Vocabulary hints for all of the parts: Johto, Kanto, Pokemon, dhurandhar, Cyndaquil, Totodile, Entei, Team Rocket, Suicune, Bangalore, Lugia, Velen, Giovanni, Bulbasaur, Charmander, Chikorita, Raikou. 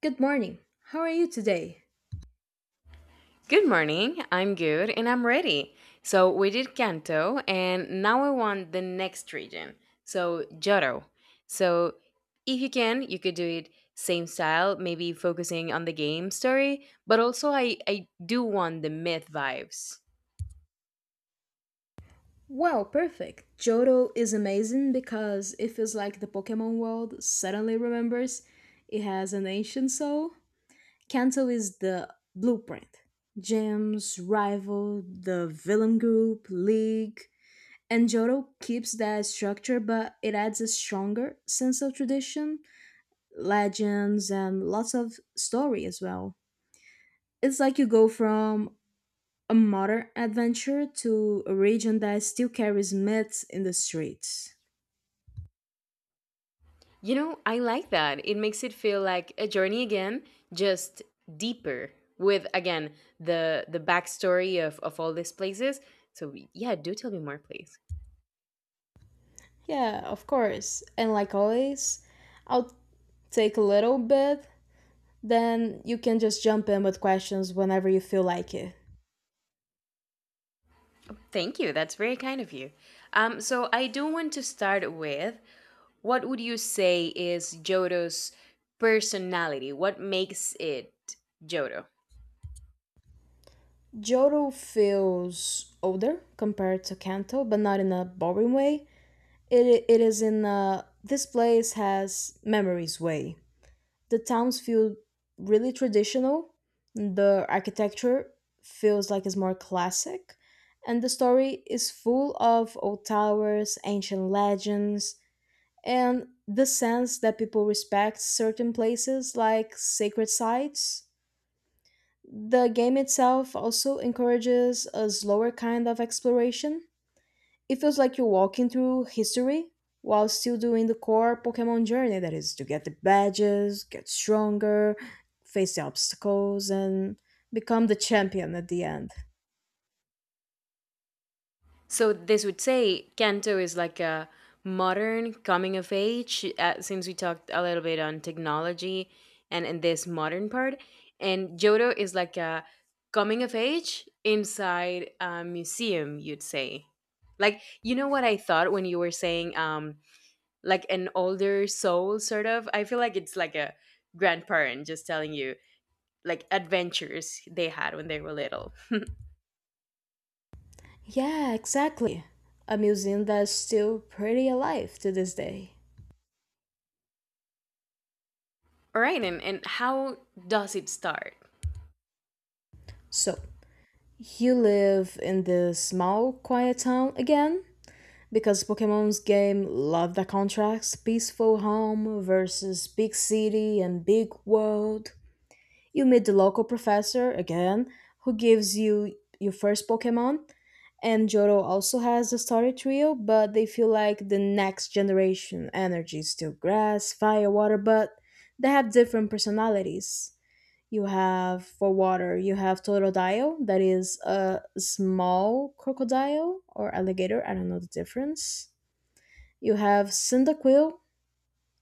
Good morning. How are you today? Good morning. I'm good and I'm ready. So we did Kanto and now I want the next region. So Johto. So if you can, you could do it same style, maybe focusing on the game story, but also I do want the myth vibes. Well, perfect. Johto is amazing because it feels like the Pokemon world suddenly remembers it has an ancient soul. Kanto is the blueprint. Gems, Rival, the Villain Group, League. And Johto keeps that structure, but it adds a stronger sense of tradition, legends, and lots of story as well. It's like you go from a modern adventure to a region that still carries myths in the streets. You know, I like that. It makes it feel like a journey again, just deeper with again the backstory of all these places. So yeah, do tell me more please. Yeah, of course. And like always, I'll take a little bit, then you can just jump in with questions whenever you feel like it. Thank you. That's very kind of you. So I do want to start with what would you say is Jodo's personality? What makes it Jodo? Johto feels older compared to Kanto, but not in a boring way. It is in a this place has memories way. The towns feel really traditional, the architecture feels like it's more classic, and the story is full of old towers, ancient legends, and the sense that people respect certain places like sacred sites. The game itself also encourages a slower kind of exploration, it feels like you're walking through history while still doing the core Pokemon journey that is to get the badges, get stronger, face the obstacles, and become the champion at the end. So this would say Kanto is like a modern coming of age, since we talked a little bit on technology and this modern part. And Jodo is like a coming of age inside a museum, you'd say. Like, you know what I thought when you were saying, like an older soul sort of. I feel like it's like a grandparent just telling you like adventures they had when they were little. Yeah, exactly. A museum that's still pretty alive to this day. All right, and how does it start? So, you live in this small, quiet town again? Because Pokemon's game love the contrast peaceful home versus big city and big world. You meet the local professor again, who gives you your first Pokemon. And Johto also has the starter trio, but they feel like the next generation. Energy is still grass, fire, water, but they have different personalities. You have for water, you have Totodile, that is a small crocodile or alligator, I don't know the difference. You have Cyndaquil,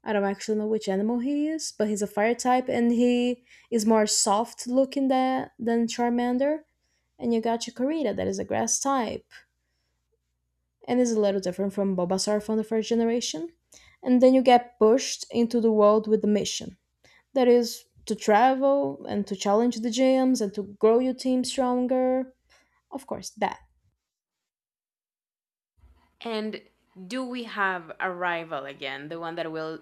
I don't actually know which animal he is, but he's a fire type and he is more soft looking than, Charmander. And you got Chikorita that is a grass type and is a little different from Bulbasaur from the first generation. And then you get pushed into the world with the mission that is to travel and to challenge the gyms and to grow your team stronger. Of course, that. And do we have a rival again, the one that will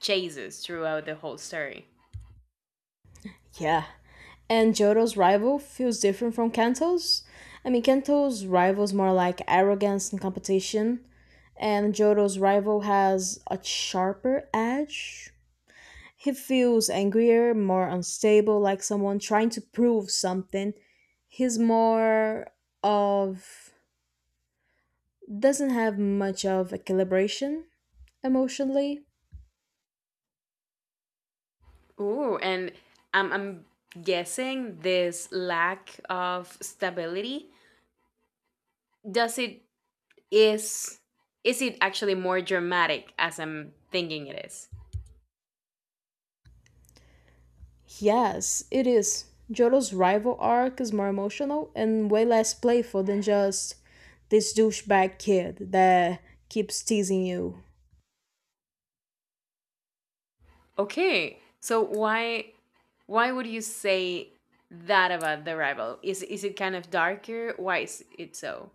chase us throughout the whole story? Yeah, and Jota's rival feels different from Kanto's. I mean, Kanto's rival is more like arrogance and competition, and Jota's rival has a sharper edge. He feels angrier, more unstable, like someone trying to prove something. He's more of doesn't have much of a calibration emotionally. Ooh, and I'm guessing this lack of stability, does it, is is it actually more dramatic as I'm thinking it is? Yes, it is. Jodo's rival arc is more emotional and way less playful than just this douchebag kid that keeps teasing you. Okay. So why would you say that about the rival? Is it kind of darker? Why is it so?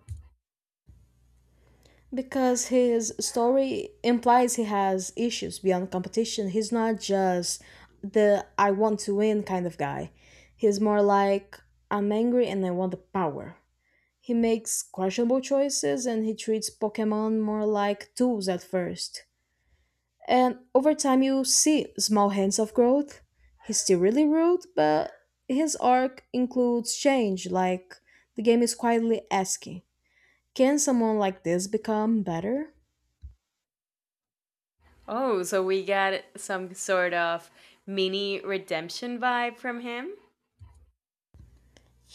Because his story implies he has issues beyond competition. He's not just the I want to win kind of guy. He's more like I'm angry and I want the power. He makes questionable choices and he treats Pokemon more like tools at first. And over time, you see small hints of growth. He's still really rude, but his arc includes change, like the game is quietly asking, can someone like this become better? Oh, so we got some sort of mini redemption vibe from him?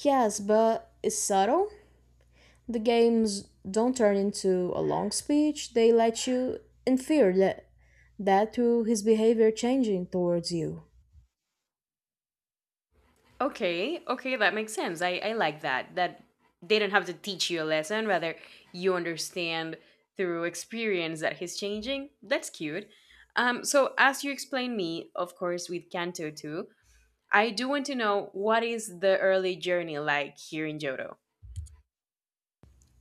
Yes, but it's subtle. The games don't turn into a long speech, they let you infer that, through his behavior changing towards you. Okay, okay, that makes sense. I like that. That they don't have to teach you a lesson, rather you understand through experience that he's changing. That's cute. So as you explained me, of course, with Kanto too, I do want to know what is the early journey like here in Johto.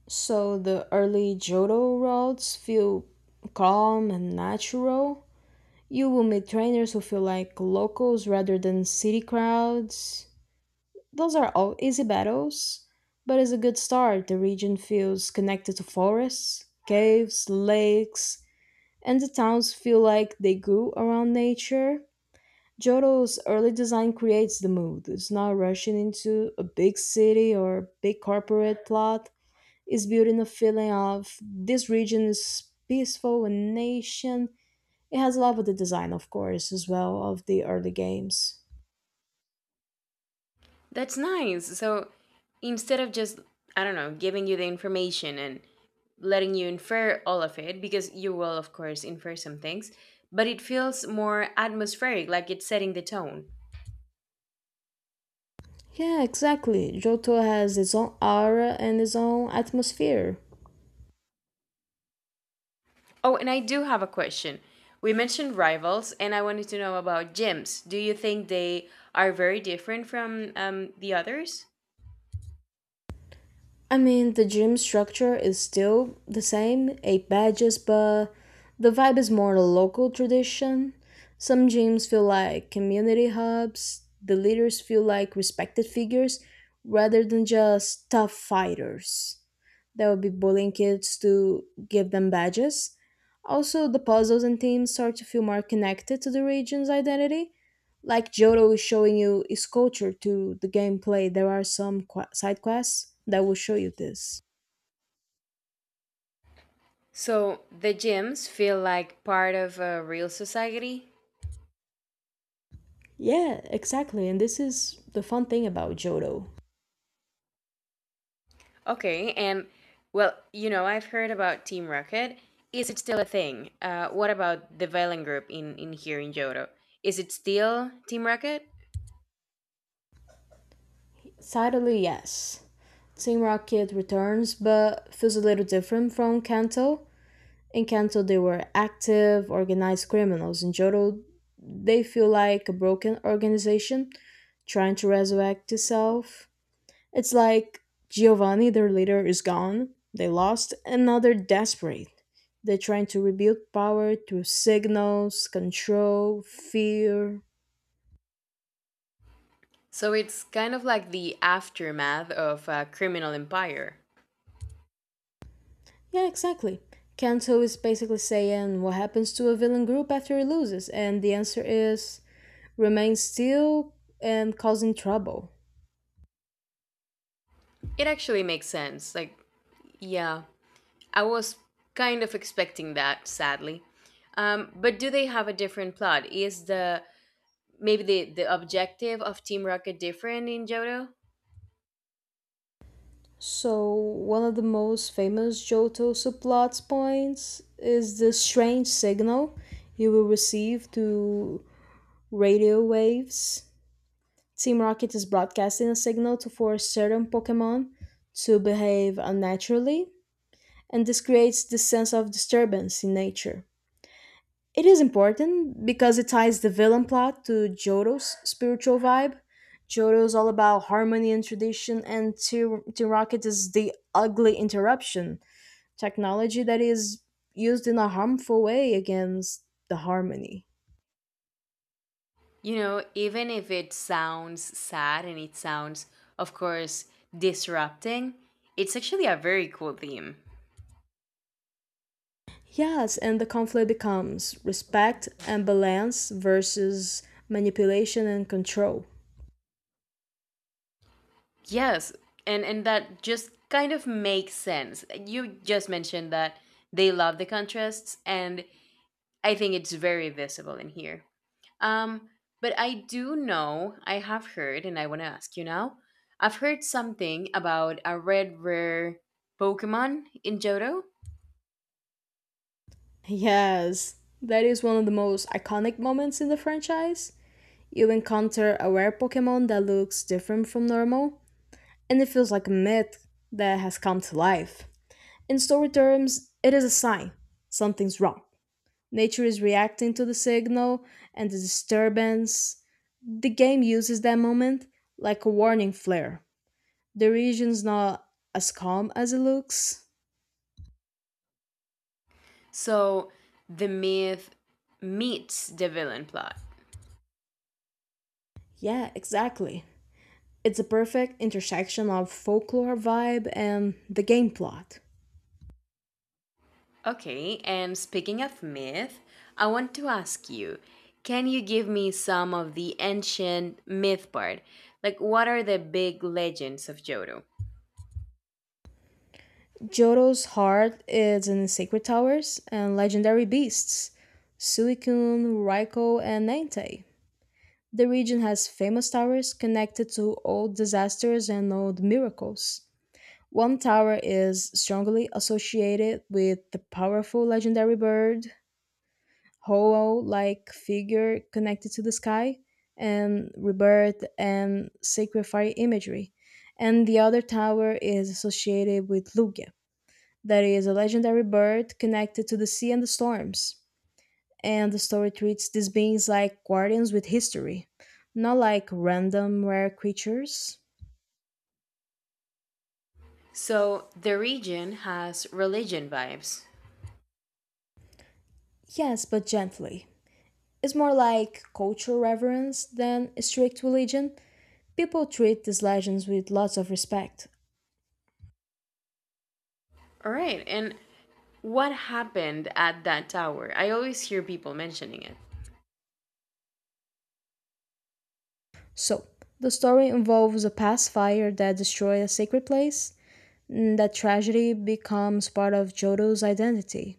So the early Johto routes feel calm and natural, you will meet trainers who feel like locals rather than city crowds. Those are all easy battles, but it's a good start. The region feels connected to forests, caves, lakes, and the towns feel like they grew around nature. Jodo's early design creates the mood. It's not rushing into a big city or a big corporate plot. It's building a feeling of this region is peaceful and nation it has a lot of the design, of course, as well of the early games. That's nice. So instead of just, I don't know, giving you the information and letting you infer all of it, because you will, of course, infer some things, but it feels more atmospheric, like it's setting the tone. Yeah, exactly. Johto has its own aura and its own atmosphere. Oh, and I do have a question. We mentioned rivals, and I wanted to know about gyms. Do you think they are very different from the others? I mean, the gym structure is still the same, eight badges, but the vibe is more a local tradition. Some gyms feel like community hubs, the leaders feel like respected figures rather than just tough fighters. That would be bullying kids to give them badges. Also, the puzzles and themes start to feel more connected to the region's identity, like Johto is showing you is culture to the gameplay, there are some side quests that will show you this. So the gyms feel like part of a real society? Yeah, exactly. And this is the fun thing about Johto. Okay, and well, you know, I've heard about Team Rocket. Is it still a thing? What about the Velen group in here in Johto? Is it still Team Rocket? Sadly, yes. Team Rocket returns, but feels a little different from Kanto. In Kanto, they were active, organized criminals. In Johto, they feel like a broken organization trying to resurrect itself. It's like Giovanni, their leader, is gone, they lost, and now they're desperate. They're trying to rebuild power through signals, control, fear. So it's kind of like the aftermath of Criminal Empire. Yeah, exactly. Kanto is basically saying what happens to a villain group after it loses, and the answer is remain still and causing trouble. It actually makes sense. Like, yeah, I was kind of expecting that, sadly. But do they have a different plot? Is the maybe the objective of Team Rocket different in Johto? So, one of the most famous Johto subplots points is the strange signal you will receive to radio waves. Team Rocket is broadcasting a signal to force certain Pokemon to behave unnaturally, and this creates the sense of disturbance in nature. It is important because it ties the villain plot to Johto's spiritual vibe. Johto is all about harmony and tradition, and Team Rocket is the ugly interruption technology that is used in a harmful way against the harmony. You know, even if it sounds sad and it sounds, of course, disrupting, it's actually a very cool theme. Yes, and the conflict becomes respect and balance versus manipulation and control. Yes, and that just kind of makes sense. You just mentioned that they love the contrasts, and I think it's very visible in here. Um, but I do know, I have heard, and I want to ask you now. I've heard something about a red rare Pokemon in Johto. Yes, that is one of the most iconic moments in the franchise. You encounter a rare Pokemon that looks different from normal, and it feels like a myth that has come to life. In story terms, it is a sign something's wrong. Nature is reacting to the signal and the disturbance. The game uses that moment like a warning flare. The region's not as calm as it looks. So the myth meets the villain plot. Yeah, exactly. It's a perfect intersection of folklore vibe and the game plot. Okay, and speaking of myth, I want to ask you, can you give me some of the ancient myth part? Like, what are the big legends of Johto? Jodo's heart is in secret towers and legendary beasts Suicune, Raikou, and Entei. The region has famous towers connected to old disasters and old miracles. One tower is strongly associated with the powerful legendary bird hollow like figure connected to the sky and rebirth and sacred fire imagery. And the other tower is associated with Lugia, that is a legendary bird connected to the sea and the storms. And the story treats these beings like guardians with history, not like random rare creatures. So, the region has religion vibes. Yes, but gently. It's more like cultural reverence than strict religion. People treat these legends with lots of respect. All right, and what happened at that tower? I always hear people mentioning it. So, the story involves a past fire that destroyed a sacred place, that tragedy becomes part of Jodo's identity.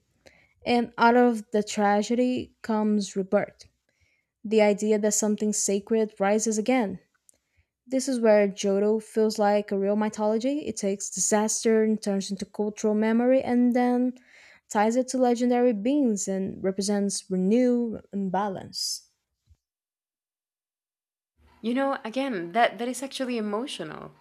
And out of the tragedy comes rebirth, the idea that something sacred rises again. This is where Jodo feels like a real mythology. It takes disaster and turns into cultural memory and then ties it to legendary beings and represents renew and balance. You know, again, that is actually emotional.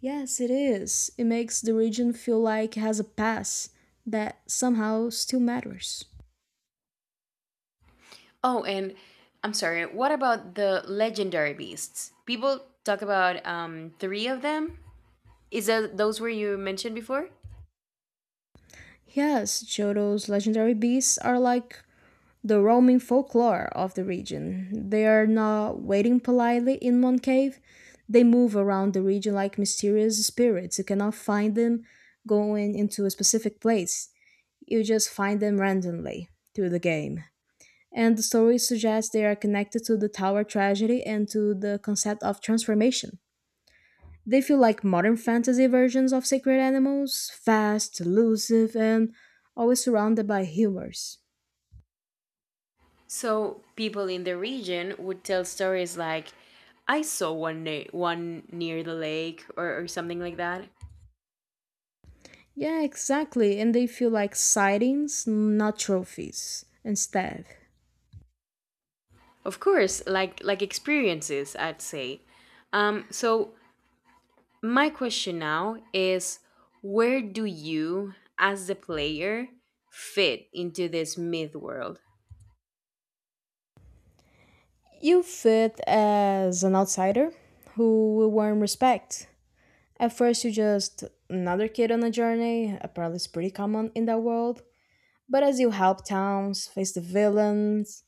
Yes, it is. It makes the region feel like it has a past that somehow still matters. Oh, and I'm sorry. What about the legendary beasts? People talk about three of them. Is that those were you mentioned before? Yes, Johto's legendary beasts are like the roaming folklore of the region. They are not waiting politely in one cave. They move around the region like mysterious spirits. You cannot find them going into a specific place. You just find them randomly through the game. And the story suggests they are connected to the tower tragedy and to the concept of transformation. They feel like modern fantasy versions of sacred animals, fast, elusive, and always surrounded by humors. So people in the region would tell stories like, "I saw one near the lake" or something like that. Yeah, exactly, and they feel like sightings, not trophies, instead. Of course, like experiences, I'd say. So my question now is, where do you, as the player, fit into this myth world? You fit as an outsider who will warm respect. At first, you're just another kid on a journey, apparently, it's pretty common in that world. But as you help towns, face the villains,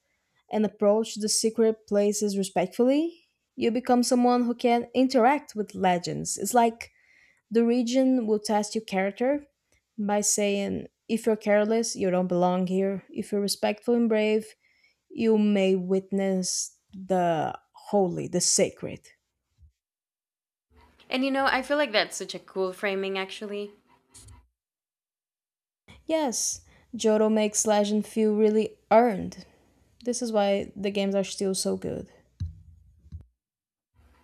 and approach the secret places respectfully, you become someone who can interact with legends. It's like the region will test your character by saying, if you're careless, you don't belong here. If you're respectful and brave, you may witness the holy, the sacred. And you know, I feel like that's such a cool framing, actually. Yes, Jodo makes legend feel really earned. This is why the games are still so good.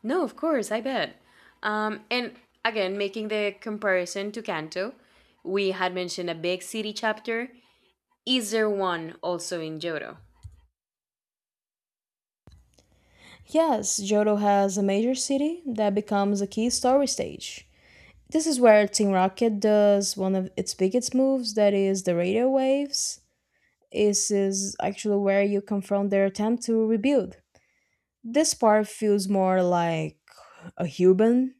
No, of course, I bet. And again, making the comparison to Kanto, we had mentioned a big city chapter. Is there one also in Johto? Yes, Johto has a major city that becomes a key story stage. This is where Team Rocket does one of its biggest moves, that is the radio waves. This is actually where you confront their attempt to rebuild. This part feels more like a human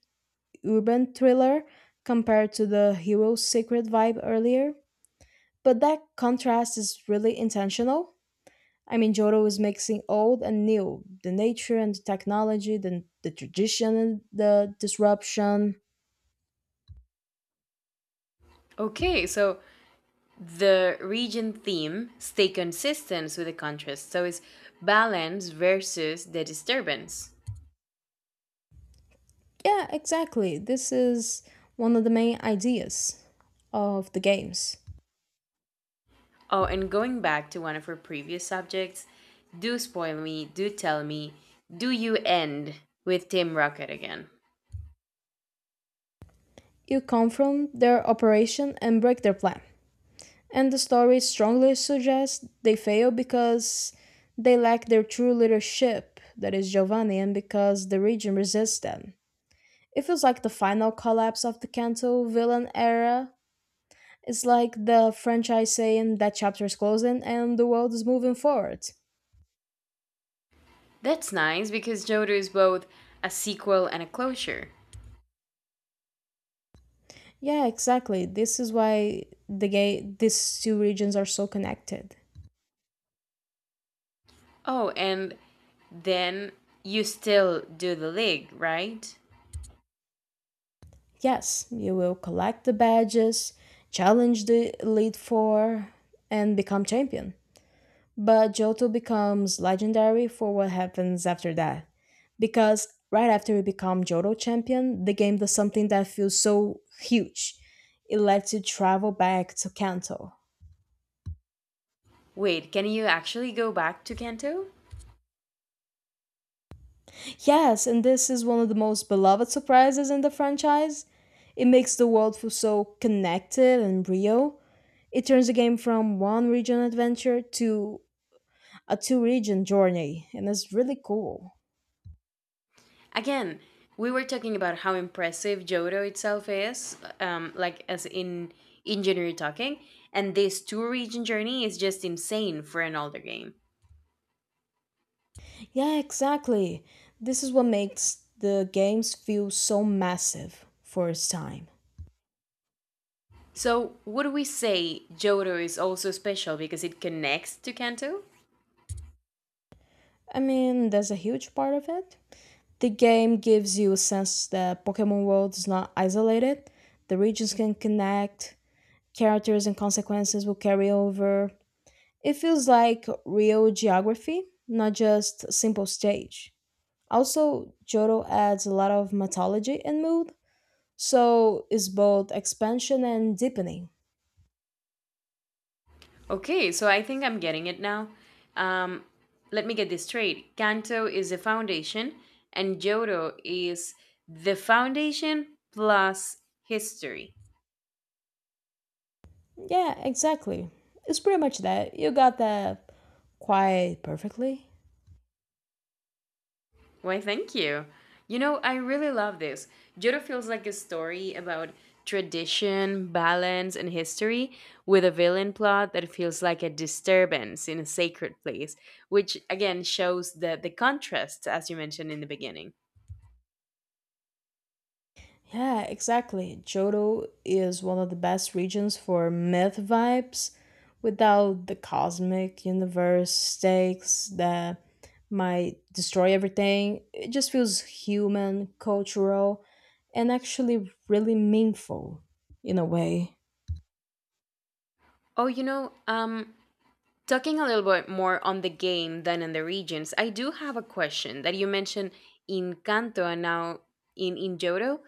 urban thriller compared to the hero's secret vibe earlier, but that contrast is really intentional. I mean, Joro is mixing old and new, the nature and the technology, the tradition and the disruption. Okay, so the region theme stay consistent with the contrast. So it's balance versus the disturbance. Yeah, exactly. This is one of the main ideas of the games. Oh, and going back to one of our previous subjects, do spoil me, do tell me, do you end with Team Rocket again? You confront their operation and break their plan. And the story strongly suggests they fail because they lack their true leadership, that is Giovanni, and because the region resists them. It feels like the final collapse of the Kanto villain era. It's like the franchise saying that chapter is closing and the world is moving forward. That's nice because Jodo is both a sequel and a closure. Yeah, exactly. This is why the gay these two regions are so connected. Oh, and then you still do the league, right? Yes, you will collect the badges, challenge the Elite Four, and become champion. But Johto becomes legendary for what happens after that. Because right after you become Johto champion, the game does something that feels so huge. It lets you travel back to Kanto. Wait, can you actually go back to Kanto? Yes, and this is one of the most beloved surprises in the franchise. It makes the world feel so connected and real. It turns the game from one region adventure to a two region journey, and it's really cool. Again, we were talking about how impressive Jodo itself is, like as in engineer talking, and this two region journey is just insane for an older game. Yeah, exactly. This is what makes the games feel so massive for its time. So, would we say Jodo is also special because it connects to Kanto? I mean, that's a huge part of it. The game gives you a sense that Pokemon World is not isolated. The regions can connect, characters and consequences will carry over. It feels like real geography, not just simple stage. Also, Johto adds a lot of mythology and mood, so it's both expansion and deepening. Okay, so I think I'm getting it now. Um, let me get this straight. Kanto is the foundation, and Jodo is the foundation plus history. Yeah, exactly. It's pretty much that. You got that quite perfectly. Why, thank you. You know, I really love this. Jodo feels like a story about tradition, balance, and history, with a villain plot that feels like a disturbance in a sacred place, which again shows the contrast, as you mentioned in the beginning. Yeah, exactly. Johto is one of the best regions for myth vibes without the cosmic universe stakes that might destroy everything. It just feels human, cultural, and actually really meaningful in a way. Oh, you know, talking a little bit more on the game than in the regions, I do have a question that you mentioned in Kanto and now in Johto.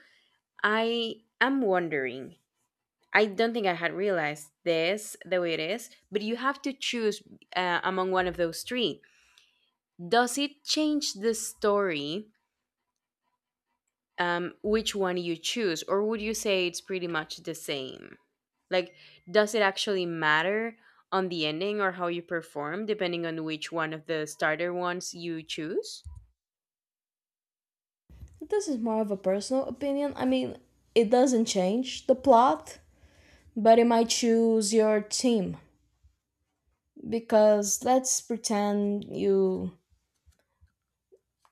I am wondering, I don't think I had realized this the way it is, but you have to choose among one of those three. Does it change the story which one you choose, or would you say it's pretty much the same? Like, does it actually matter on the ending or how you perform, depending on which one of the starter ones you choose? This is more of a personal opinion. I mean, it doesn't change the plot, but it might choose your team. Because let's pretend you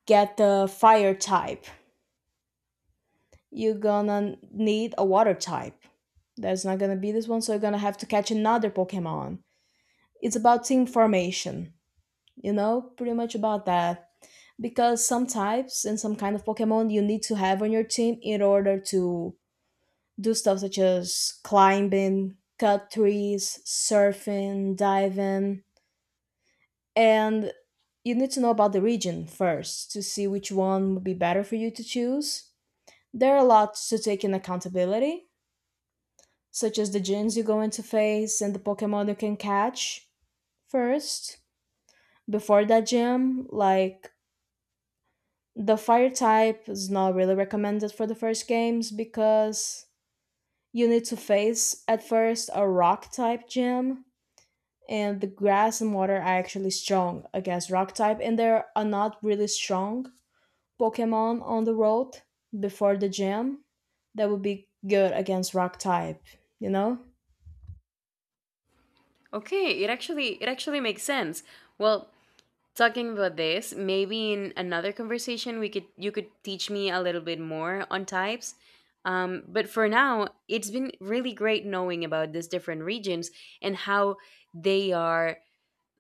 get the fire type. You're gonna need a water type. There's not gonna be this one, so you're gonna have to catch another Pokemon. It's about team formation, you know, pretty much about that. Because some types and some kind of Pokemon you need to have on your team in order to do stuff such as climbing, cut trees, surfing, diving, and you need to know about the region first to see which one would be better for you to choose. There are a lot to take in accountability, such as the gyms you go into face and the Pokemon you can catch first. Before that gym, like the fire type is not really recommended for the first games because you need to face at first a rock type gym and the grass and water are actually strong against rock type and there are not really strong Pokemon on the road before the gym that would be good against rock type, you know? Okay, it actually makes sense. Well, talking about this, maybe in another conversation we could you could teach me a little bit more on types. But for now, it's been really great knowing about these different regions and how they are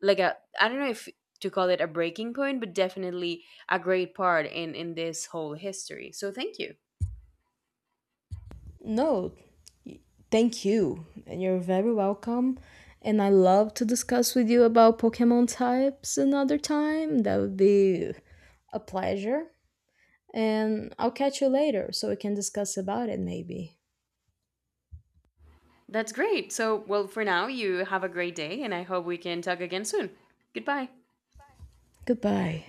like a, I don't know if to call it a breaking point, but definitely a great part in this whole history. So thank you. No, thank you. And you're very welcome. And I love to discuss with you about Pokemon types another time. That would be a pleasure. And I'll catch you later so we can discuss about it maybe. That's great. So well for now you have a great day and I hope we can talk again soon. Goodbye. Goodbye.